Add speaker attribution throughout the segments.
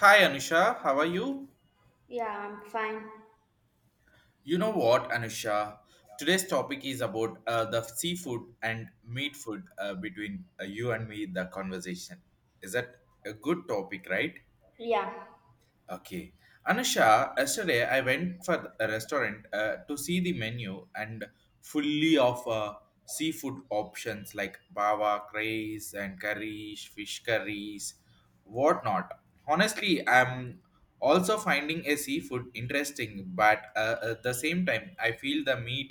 Speaker 1: Hi Anusha, how are you?
Speaker 2: Yeah, I'm fine.
Speaker 1: You know what, Anusha? Today's topic is about the seafood and meat food, between you and me, the conversation. Is that a good topic, right?
Speaker 2: Yeah.
Speaker 1: Okay. Anusha, yesterday I went for a restaurant to see the menu and fully of seafood options like bava, craze, and curries, fish curries, whatnot. Honestly, I'm also finding a seafood interesting, but at the same time, I feel the meat,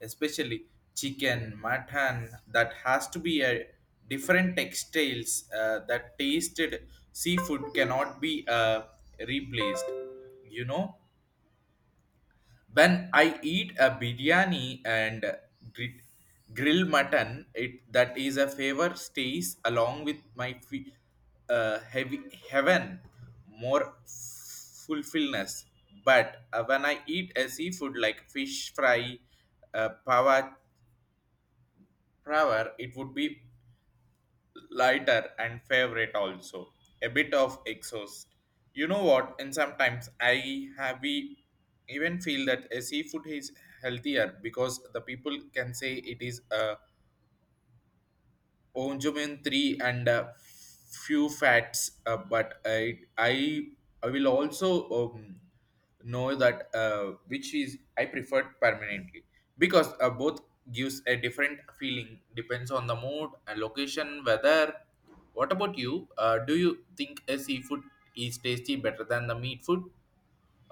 Speaker 1: especially chicken, mutton, that has to be a different textiles that tasted seafood cannot be replaced. You know, when I eat a biryani and gri- grill mutton, it that is a favor stays along with my heavy heaven more fulfillness. But when I eat a seafood like fish fry, uh, power, power, it would be lighter and favorite, also a bit of exhaust. You know what And sometimes I have we even feel that a seafood is healthier, because the people can say it is Onjumen 3 and few fats, but I will also know that which is I preferred permanently, because both gives a different feeling depends on the mood and location weather. What about you? Do you think a seafood is tasty better than the meat food,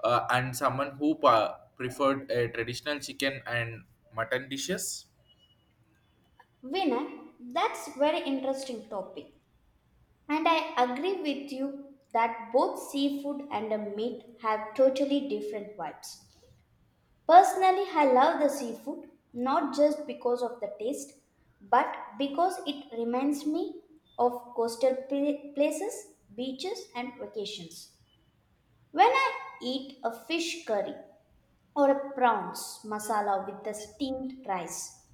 Speaker 1: and someone who preferred a traditional chicken and mutton dishes?
Speaker 2: Vinay, that's very interesting topic. And I agree with you that both seafood and the meat have totally different vibes. Personally, I love the seafood not just because of the taste, but because it reminds me of coastal places, beaches and vacations. When I eat a fish curry or a prawns masala with the steamed rice,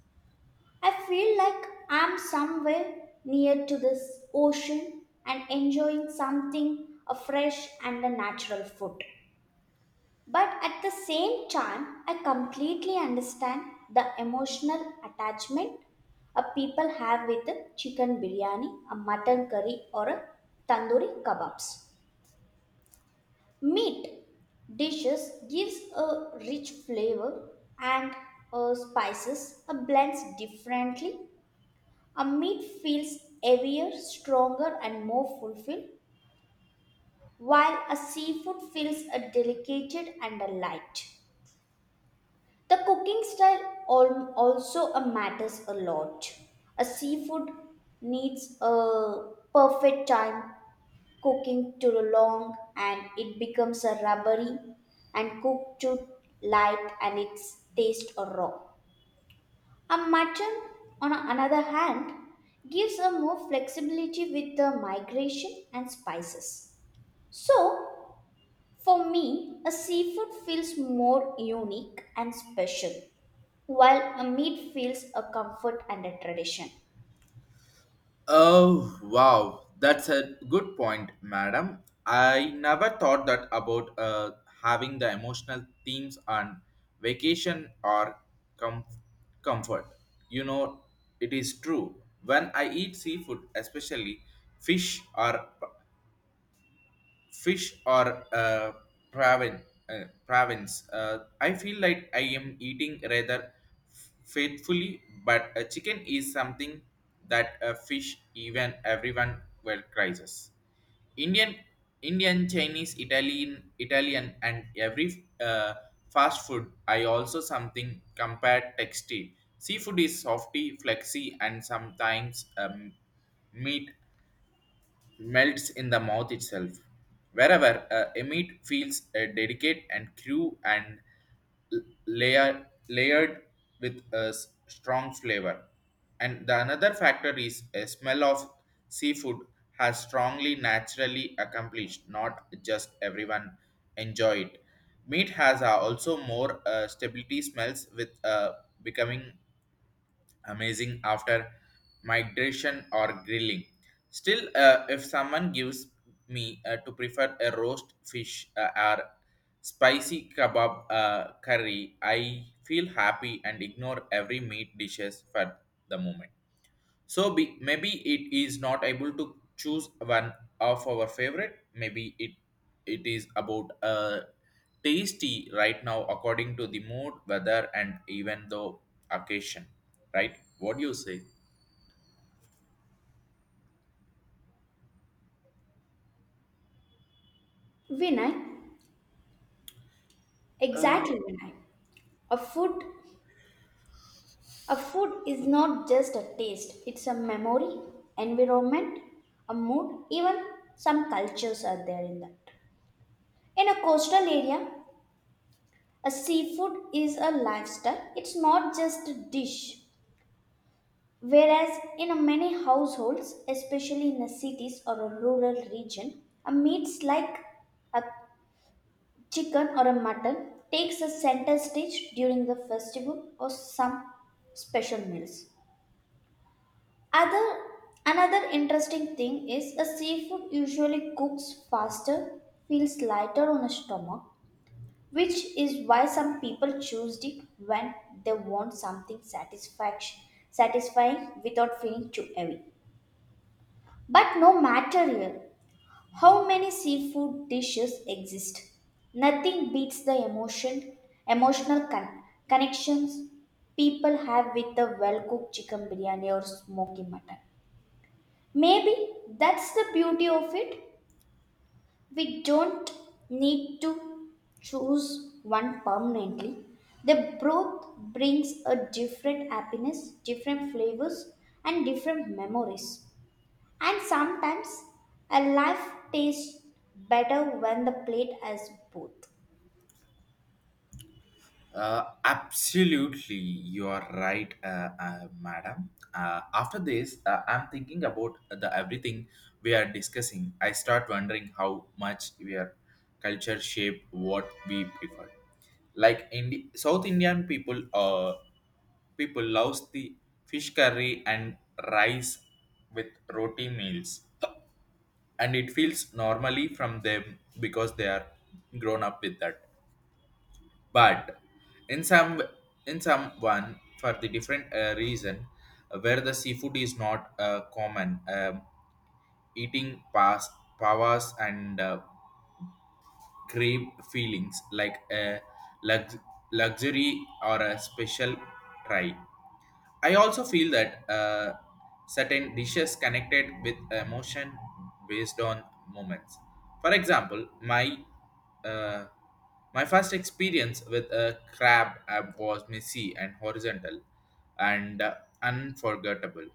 Speaker 2: I feel like I'm somewhere near to this ocean and enjoying something a fresh and a natural food. But at the same time, I completely understand the emotional attachment a people have with a chicken biryani, a mutton curry, or a tandoori kebabs. Meat dishes gives a rich flavor and spices blends differently. A meat feels heavier, stronger, and more fulfilled, while a seafood feels a delicate and a light. The cooking style also matters a lot. A seafood needs a perfect time cooking too long and it becomes a rubbery and cooked too light and its taste a raw. A mutton, on another hand, gives a more flexibility with the migration and spices. So, for me, a seafood feels more unique and special, while a meat feels a comfort and a tradition.
Speaker 1: Oh, wow. That's a good point, madam. I never thought that about having the emotional themes on vacation or com- comfort. You know, it is true. When I eat seafood, especially fish or fish or praven, prawns. I feel like I am eating rather faithfully, but a chicken is something that a fish even everyone well crisis. Indian, Indian, Chinese, Italian, and every fast food. I also something compared texty. Seafood is softy, flexy, and sometimes meat melts in the mouth itself. Wherever a meat feels delicate and crew and l- layered with a strong flavor. And the another factor is a smell of seafood has strongly naturally accomplished, not just everyone enjoy it. Meat has also more stability smells with becoming amazing after migration or grilling. Still, if someone gives me to prefer a roast fish or spicy kebab curry, I feel happy and ignore every meat dishes for the moment. So, maybe it is not able to choose one of our favorite. Maybe it is about tasty right now according to the mood, weather, and even the occasion. Right? What do you say?
Speaker 2: Vinay, exactly Vinay. A food, a food is not just a taste; it's a memory, environment, a mood. Even some cultures are there in that. In a coastal area, a seafood is a lifestyle, it's not just a dish. Whereas in many households, especially in the cities or a rural region, a meats like a chicken or a mutton takes a center stage during the festival or some special meals. Other Another interesting thing is a seafood usually cooks faster, feels lighter on the stomach, which is why some people choose it when they want satisfying without feeling too heavy. But no matter here, how many seafood dishes exist, nothing beats emotional connections people have with a well-cooked chicken biryani or smoky mutton. Maybe that's the beauty of it. We don't need to choose one permanently. They both brings a different happiness, different flavors and different memories. And sometimes a life tastes better when the plate has both.
Speaker 1: Absolutely, you are right, madam. After this, I'm thinking about the everything we are discussing. I start wondering how much we are culture shape what we prefer. Like in South Indian people, people loves the fish curry and rice with roti meals, and it feels normally from them because they are grown up with that, but in some in someone for the different reason where the seafood is not common, eating past powers and crave feelings like a lux- luxury or a special try. I also feel that certain dishes connected with emotion based on moments. For example, uh, my first experience with a crab was messy and horizontal, and unforgettable.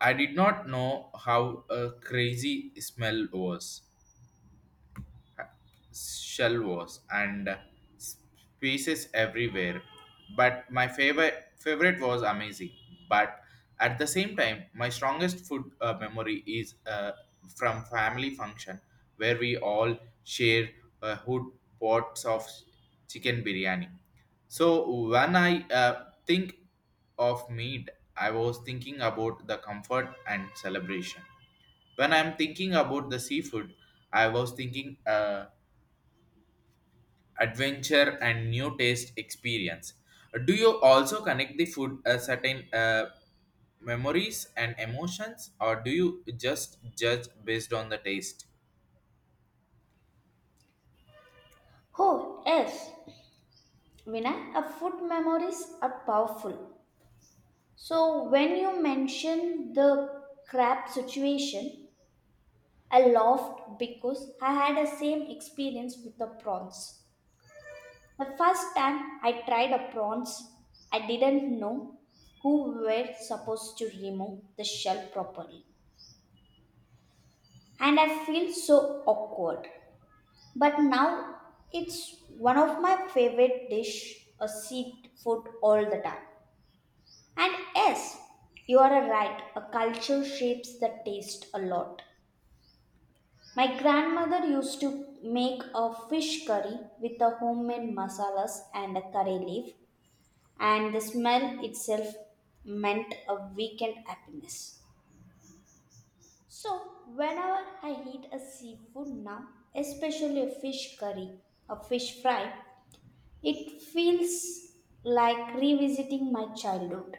Speaker 1: I did not know how a crazy smell was, shell wars and pieces everywhere. But my favorite was amazing. But at the same time, my strongest food memory is from family function, where we all share hood pots of chicken biryani. So when I think of meat, I was thinking about the comfort and celebration. When I'm thinking about the seafood, I was thinking. Adventure and new taste experience. Do you also connect the food a certain memories and emotions, or do you just judge based on the taste?
Speaker 2: Oh yes, Vinay, a food memories are powerful. So when you mention the crab situation, I laughed because I had the same experience with the prawns. The first time I tried a prawns, I didn't know who were supposed to remove the shell properly. And I feel so awkward. But now it's one of my favorite dish, a seafood all the time. And yes, you are right, a culture shapes the taste a lot. My grandmother used to make a fish curry with a homemade masalas and a curry leaf and the smell itself meant a weekend happiness. So, whenever I eat a seafood now, especially a fish curry, a fish fry, it feels like revisiting my childhood.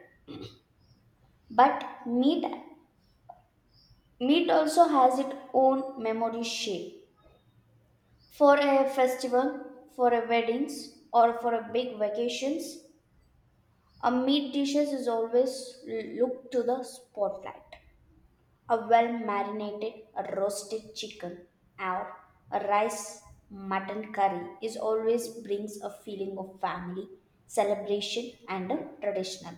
Speaker 2: But meat also has its own memory shape. For a festival, for a weddings, or for a big vacations, a meat dishes is always look to the spotlight. A well marinated roasted chicken or a rice mutton curry is always brings a feeling of family celebration and a traditional.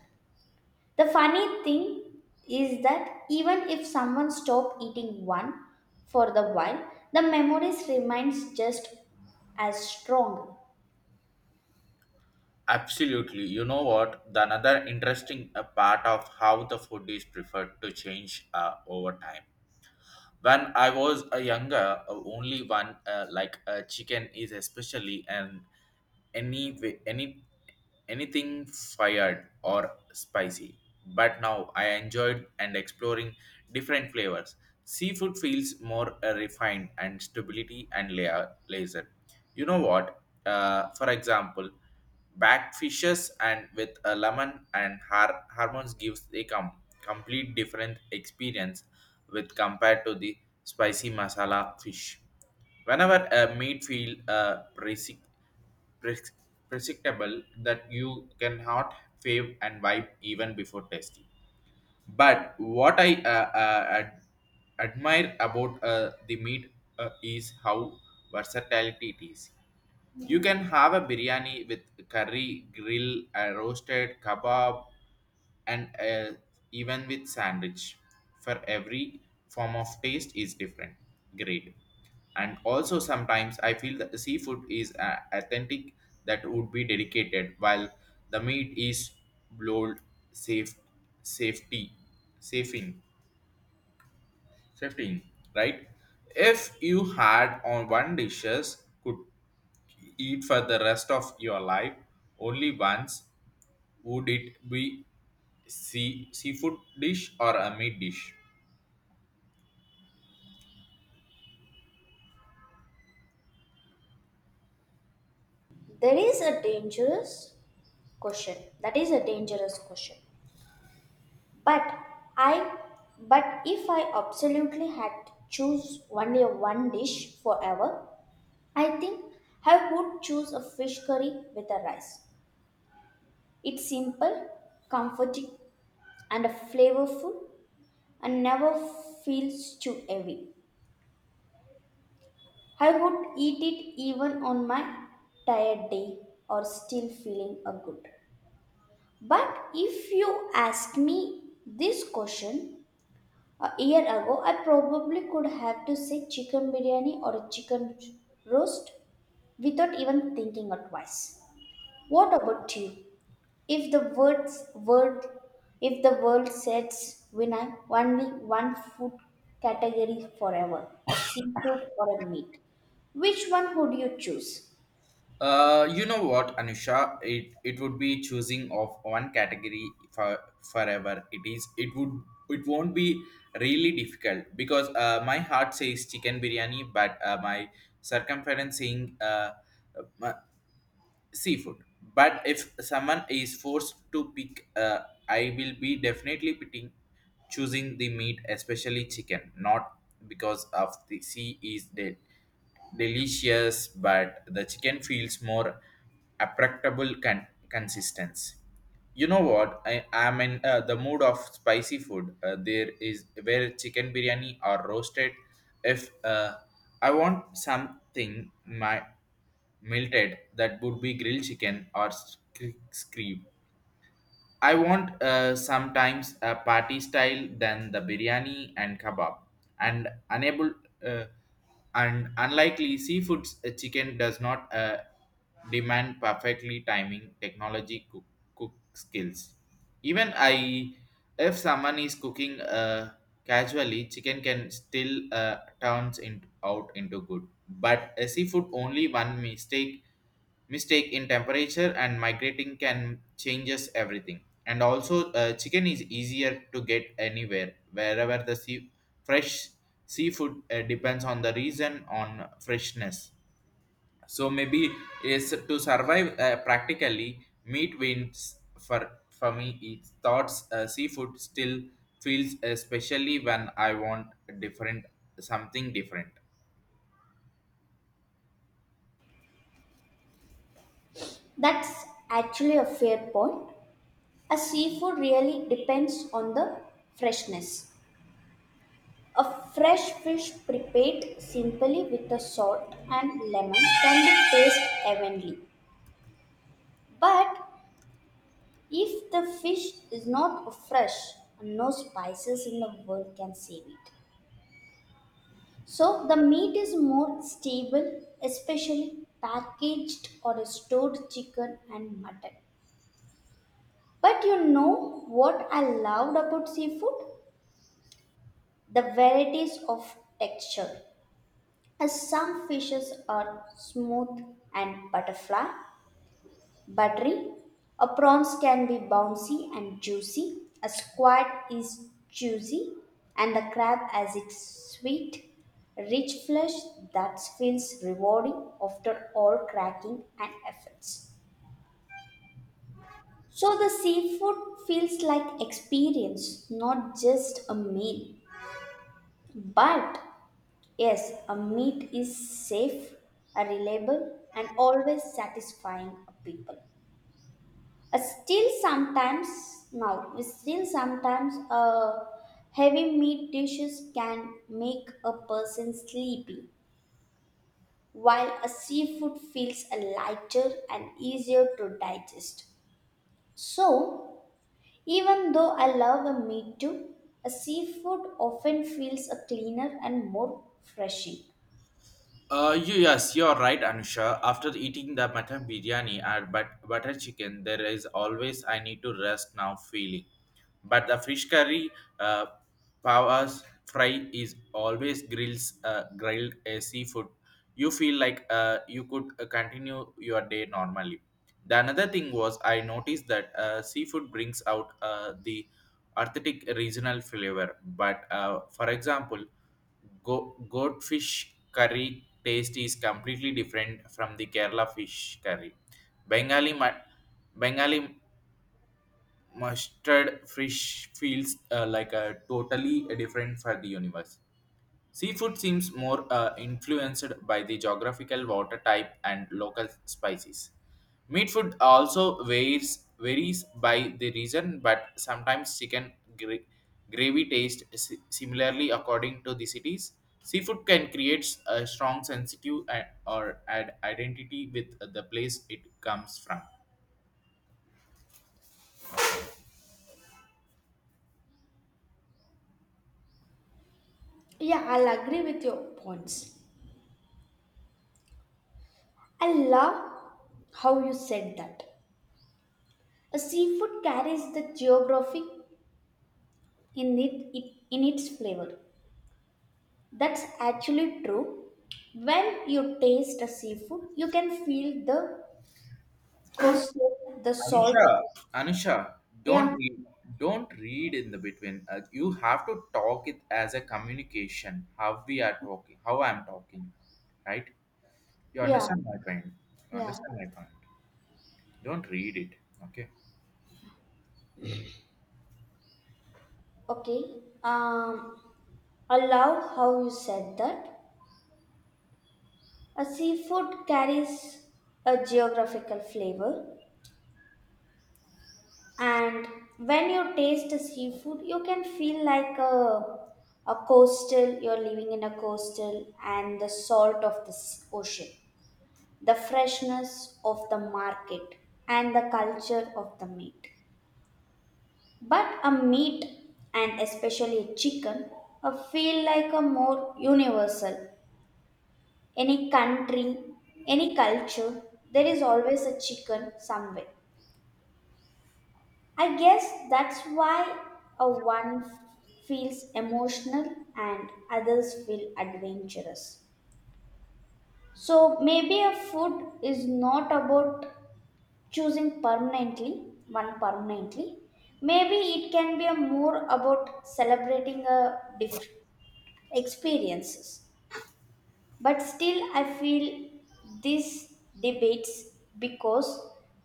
Speaker 2: The funny thing is that even if someone stop eating one for the while, the memories remains just as strong.
Speaker 1: Absolutely. You know what? The another interesting part of how the food is preferred to change over time. When I was a younger, only one like chicken is especially, and any way- any anything fired or spicy. But now I enjoyed and exploring different flavors. Seafood feels more refined and stability and layer laser. You know what, for example, back fishes and with a lemon and hormones gives a complete different experience, with compared to the spicy masala fish. Whenever a meat feel predict- predictable that you cannot fave and wipe even before tasting. But what I admire about the meat is how versatility it is. You can have a biryani with curry, grill, a roasted kebab, and even with sandwich. For every form of taste is different. Great. And also sometimes I feel that the seafood is authentic that would be dedicated, while the meat is blowed, safe, safety, safing, safety, right? If you had on one dishes could eat for the rest of your life, only once, would it be seafood dish or a meat dish?
Speaker 2: There is a dangerous question. That is a dangerous question But I but if I absolutely had to choose only one dish forever, I think I would choose a fish curry with a rice. It's simple, comforting and flavorful and never feels too heavy. I would eat it even on my tired day or still feeling a good. But if you ask me this question, a year ago, I probably could have to say chicken biryani or a chicken roast without even thinking it twice. What about you? If the words word, if the world says Vinay, only one food category forever, a seafood or a meat. Which one would you choose?
Speaker 1: You know what, Anusha? It would be choosing of one category for forever. It is. It would. It won't be really difficult, because my heart says chicken biryani, but my circumference saying uh, seafood. But if someone is forced to pick, I will be definitely picking choosing the meat, especially chicken, not because of the sea is dead delicious, but the chicken feels more applicable consistency. You know what, I am in the mood of spicy food, there is where chicken biryani or roasted. If I want something my melted, that would be grilled chicken or scream. I want sometimes a party style than the biryani and kebab, and unable uh, and unlikely seafoods, chicken does not demand perfectly timing technology cook skills. Even I, if someone is cooking casually, chicken can still turns out into good. But a seafood, only one mistake in temperature and migrating can changes everything. And also chicken is easier to get anywhere, wherever the sea fresh seafood depends on the reason on freshness. So maybe is to survive practically meat wins, for me it's thoughts, seafood still feels, especially when I want different something different.
Speaker 2: That's actually a fair point. A seafood really depends on the freshness. A fresh fish prepared simply with the salt and lemon can be tasted heavenly. But if the fish is not fresh, no spices in the world can save it. So the meat is more stable, especially packaged or stored chicken and mutton. But you know what I loved about seafood? The varieties of texture. As some fishes are smooth and buttery. A prawns can be bouncy and juicy. A squid is juicy, and the crab has its sweet, rich flesh that feels rewarding after all cracking and efforts. So the seafood feels like experience, not just a meal. But yes, a meat is safe, a reliable, and always satisfying a people. Uh, still sometimes still sometimes heavy meat dishes can make a person sleepy, while a seafood feels lighter and easier to digest. So even though I love a meat too, a seafood often feels a cleaner and more refreshing.
Speaker 1: Yes, you're right, Anusha. After eating the mutton biryani and butter chicken, there is always I need to rest now feeling. But the fish curry, uh, powers fry is always grills, grilled seafood. You feel like you could continue your day normally. The another thing was I noticed that seafood brings out the authentic regional flavor. But for example, goldfish curry taste is completely different from the Kerala fish curry. Bengali mu- Bengali mustard fish feels like a totally different for the universe. Seafood seems more influenced by the geographical water type and local spices. Meat food also varies by the region, but sometimes chicken gravy tastes similarly according to the cities. Seafood can create a strong sensitive and, or add identity with the place it comes from.
Speaker 2: Yeah, I'll agree with your points. I love how you said that. A seafood carries the geographic in it, it in its flavor. That's actually true. When you taste a seafood, you can feel the coastal, the salt. Of-
Speaker 1: Anusha, Anusha, don't
Speaker 2: Yeah,
Speaker 1: read, don't read in the between. You have to talk it as a communication. How we are talking, how I'm talking, right? You
Speaker 2: yeah,
Speaker 1: understand my point. You
Speaker 2: yeah.
Speaker 1: understand my point. Don't read it. Okay.
Speaker 2: Okay. Um, I love how you said that. A seafood carries a geographical flavor, and when you taste a seafood, you can feel like a coastal. You're living in a coastal, and the salt of the ocean. The freshness of the market and the culture of the meat. But a meat and especially a chicken a feel like a more universal. Any country, any culture, there is always a chicken somewhere. I guess that's why a one feels emotional and others feel adventurous. So maybe a food is not about choosing permanently, one permanently. Maybe it can be a more about celebrating a different experiences. But still I feel these debates, because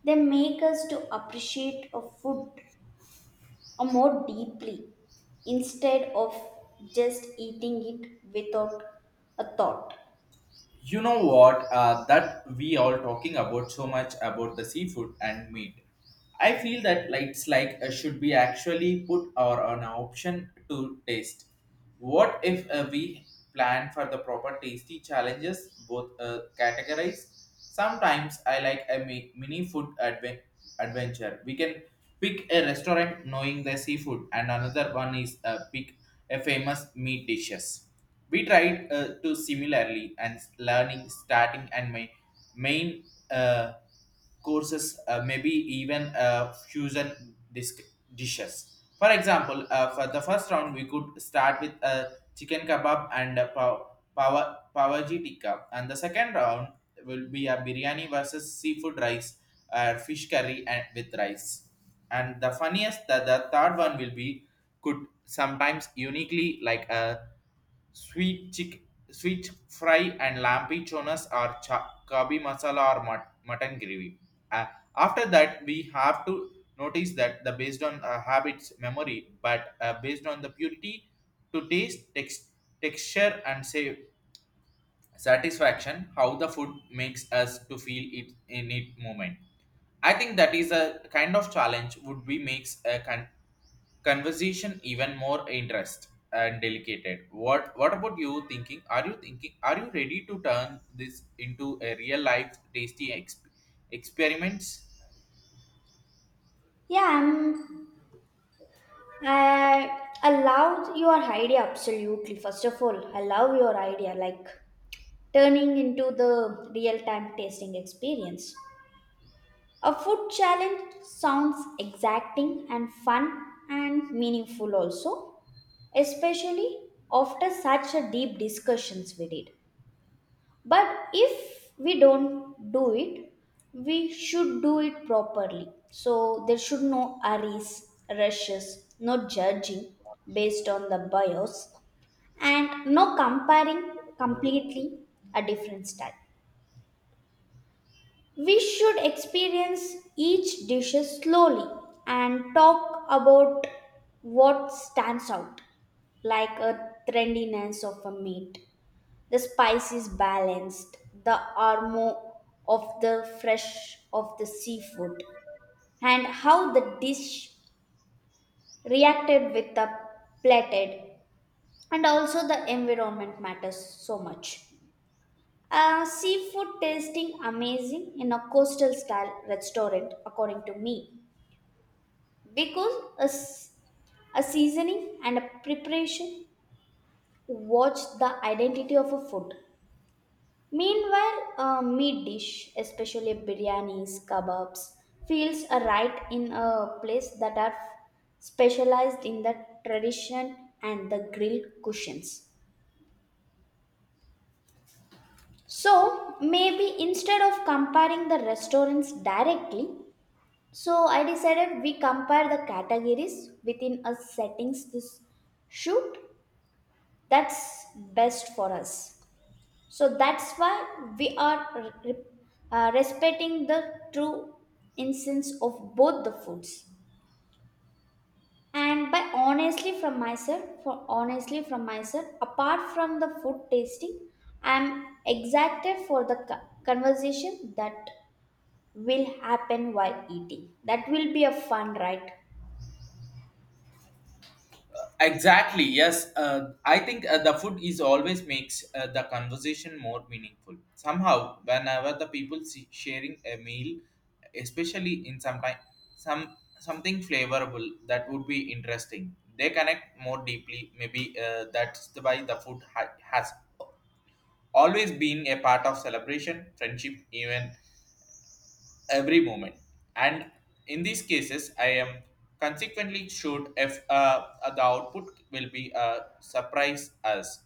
Speaker 2: they make us to appreciate a food a more deeply instead of just eating it without a thought.
Speaker 1: You know what? That we all talking about so much about the seafood and meat. I feel that like, it's like should be actually put or an option to taste. What if we plan for the proper tasty challenges? Both categories. Sometimes I like a mini food adventure. We can pick a restaurant knowing the seafood, and another one is pick a famous meat dishes. We tried to similarly and learning starting and my main, uh, courses, maybe even fusion dishes. For example, for the first round, we could start with a chicken kebab and a pavaji tikka, and the second round will be a biryani versus seafood rice, or fish curry and with rice. And the funniest that the third one will be could sometimes uniquely like a Sweet chick, sweet fry and lampichonas, or kabi masala, or mutton gravy. Uh, after that, we have to notice that the based on habits, memory, but based on the purity to taste, texture, and say satisfaction, how the food makes us to feel it in it moment. I think that is a kind of challenge would be makes a conversation even more interest and delicate. What about you thinking? Are you thinking? Are you ready to turn this into a real life tasty experiments?
Speaker 2: Yeah, I love your idea. Absolutely, first of all, I love your idea, like turning into the real time tasting experience. A food challenge sounds exacting and fun and meaningful also, especially after such a deep discussions we did. But if we don't do it, we should do it properly. So there should no hurries, rushes, no judging based on the bias and no comparing completely a different style. We should experience each dish slowly and talk about what stands out, like a trendiness of a meat, the spice is balanced, the aroma of the fresh of the seafood, and how the dish reacted with the plated, and also the environment matters so much. Seafood tasting amazing in a coastal style restaurant, according to me. Because a, s- a seasoning and a preparation watch the identity of a food. Meanwhile, a meat dish, especially biryanis kebabs, feels a right in a place that are specialized in the tradition and the grilled cushions. So maybe instead of comparing the restaurants directly, so I decided we compare the categories within a settings this shoot that's best for us. So that's why we are respecting the true essence of both the foods. And by honestly from myself for honestly from myself, apart from the food tasting, I'm excited for the conversation that will happen while eating. That will be a fun, right?
Speaker 1: Exactly. Yes. I think the food is always makes the conversation more meaningful. Somehow, whenever the people see sharing a meal, especially in some time, some something flavorable that would be interesting, they connect more deeply. Maybe that's the why the food has always being a part of celebration, friendship, even every moment. And in these cases, I am consequently sure if the output will be a surprise us.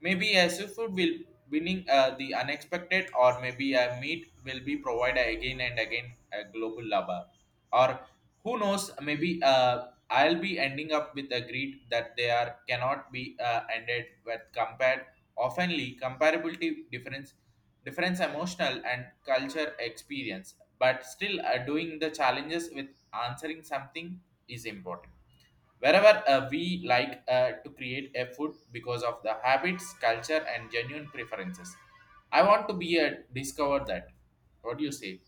Speaker 1: Maybe a seafood will winning the unexpected, or maybe a meat will be provided again and again a global lover. Or who knows? Maybe I'll be ending up with a greed that they are cannot be ended with compared oftenly comparability difference emotional and culture experience. But still, doing the challenges with answering something is important, wherever we like to create a food because of the habits culture and genuine preferences. I want to be a discover that, what do you say?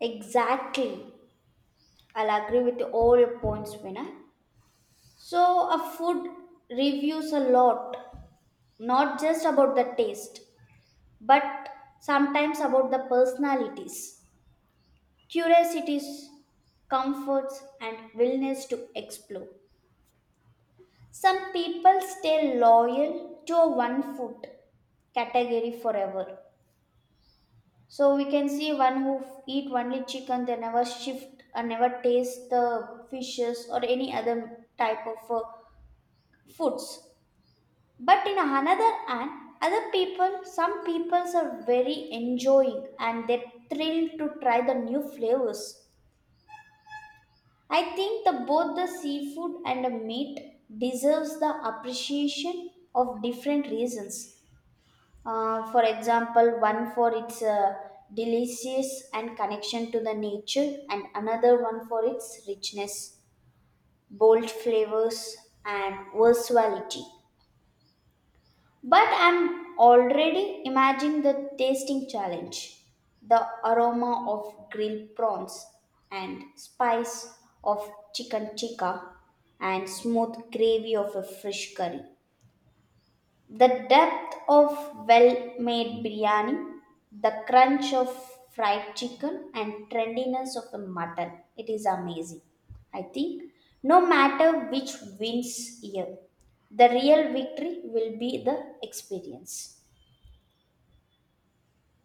Speaker 2: Exactly. I'll agree with all your points, Vinay. So, a food reviews a lot. Not just about the taste, but sometimes about the personalities, curiosities, comforts, and willingness to explore. Some people stay loyal to a one food category forever. So we can see one who eat only chicken, they never shift and never taste the fishes or any other type of foods. But in another hand, other people, some peoples are very enjoying and they're thrilled to try the new flavors. I think the both the seafood and the meat deserves the appreciation of different reasons. For example, one for its delicious and connection to the nature, and another one for its richness, bold flavors, and versatility. But I'm already imagining the tasting challenge, the aroma of grilled prawns and spice of chicken tikka and smooth gravy of a fish curry. The depth of well-made biryani, the crunch of fried chicken and trendiness of the mutton. It is amazing. I think no matter which wins here, the real victory will be the experience.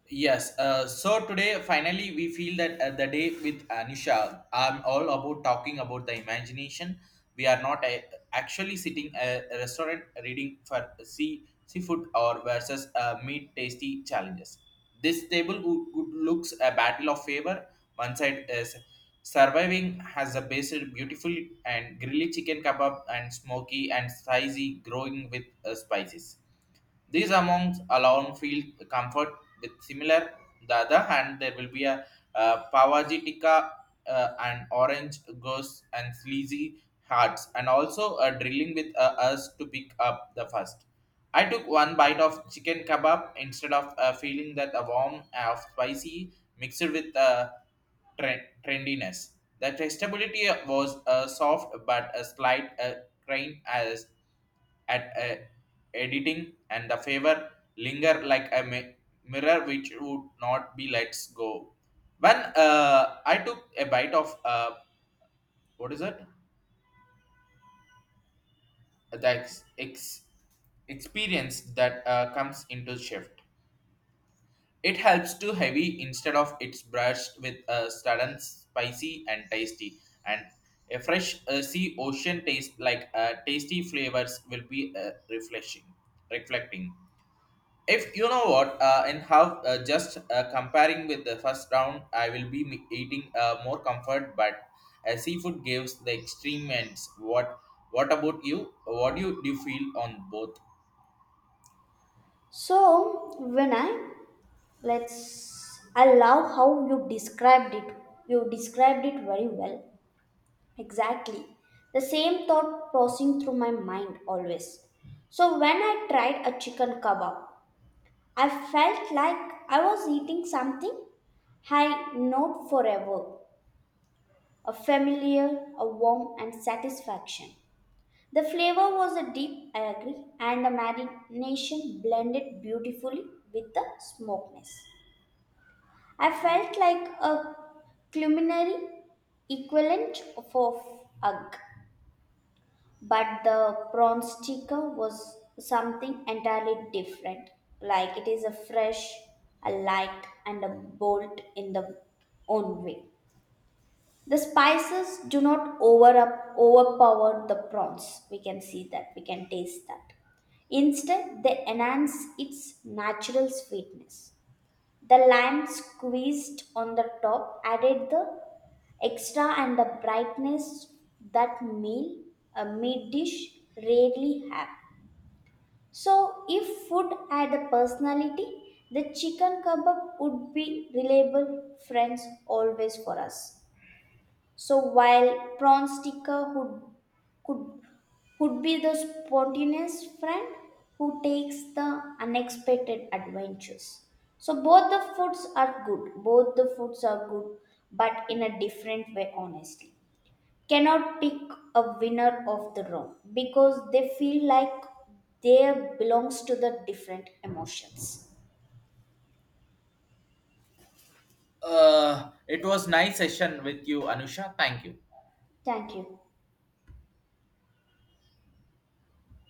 Speaker 1: Yes, so today finally we feel that the day with Anusha, I'm all about talking about the imagination. We are not actually sitting a restaurant reading for seafood or versus meat tasty challenges. This table would looks a battle of favor. One side is surviving has a based beautiful and grilled chicken kebab and smoky and spicy growing with spices. These amounts alone feel comfort with similar. The other hand, there will be a Pavajitika and Orange Ghosts and Sleazy Hearts, and also a drilling with us to pick up the first. I took one bite of chicken kebab, instead of feeling that a warm of spicy mixed with trendiness. The testability was soft but a slight grain as at editing, and the favor linger like a mirror which would not be let's go. When I took a bite of what is it, the experience that comes into shift. It helps to heavy instead of it's brushed with a sudden spicy and tasty, and a fresh sea ocean taste like tasty flavors will be refreshing, reflecting. If you know what, in how just comparing with the first round, I will be eating more comfort, but seafood gives the extreme ends. What about you? What do you feel on both?
Speaker 2: So when I let's I love how you described it. You described it very well. Exactly. The same thought crossing through my mind always. So when I tried a chicken kebab, I felt like I was eating something I not forever. A familiar, a warm and satisfaction. The flavor was a deep, I agree, and the marination blended beautifully with the smokiness. I felt like a culinary equivalent of ugh, but the prawn sticker was something entirely different. Like it is a fresh, a light, and a bold in the own way. The spices do not overpower the prawns. We can see that. We can taste that. Instead, they enhance its natural sweetness. The lime squeezed on the top added the extra and the brightness that meal a meat dish rarely have. So if food had a personality, the chicken kebab would be reliable friends always for us. So while prawn sticker could would be the spontaneous friend who takes the unexpected adventures. So both the foods are good. Both the foods are good, but in a different way, honestly. Cannot pick a winner of the wrong because they feel like they belongs to the different emotions.
Speaker 1: It was nice session with you, Anusha. Thank you.
Speaker 2: Thank you.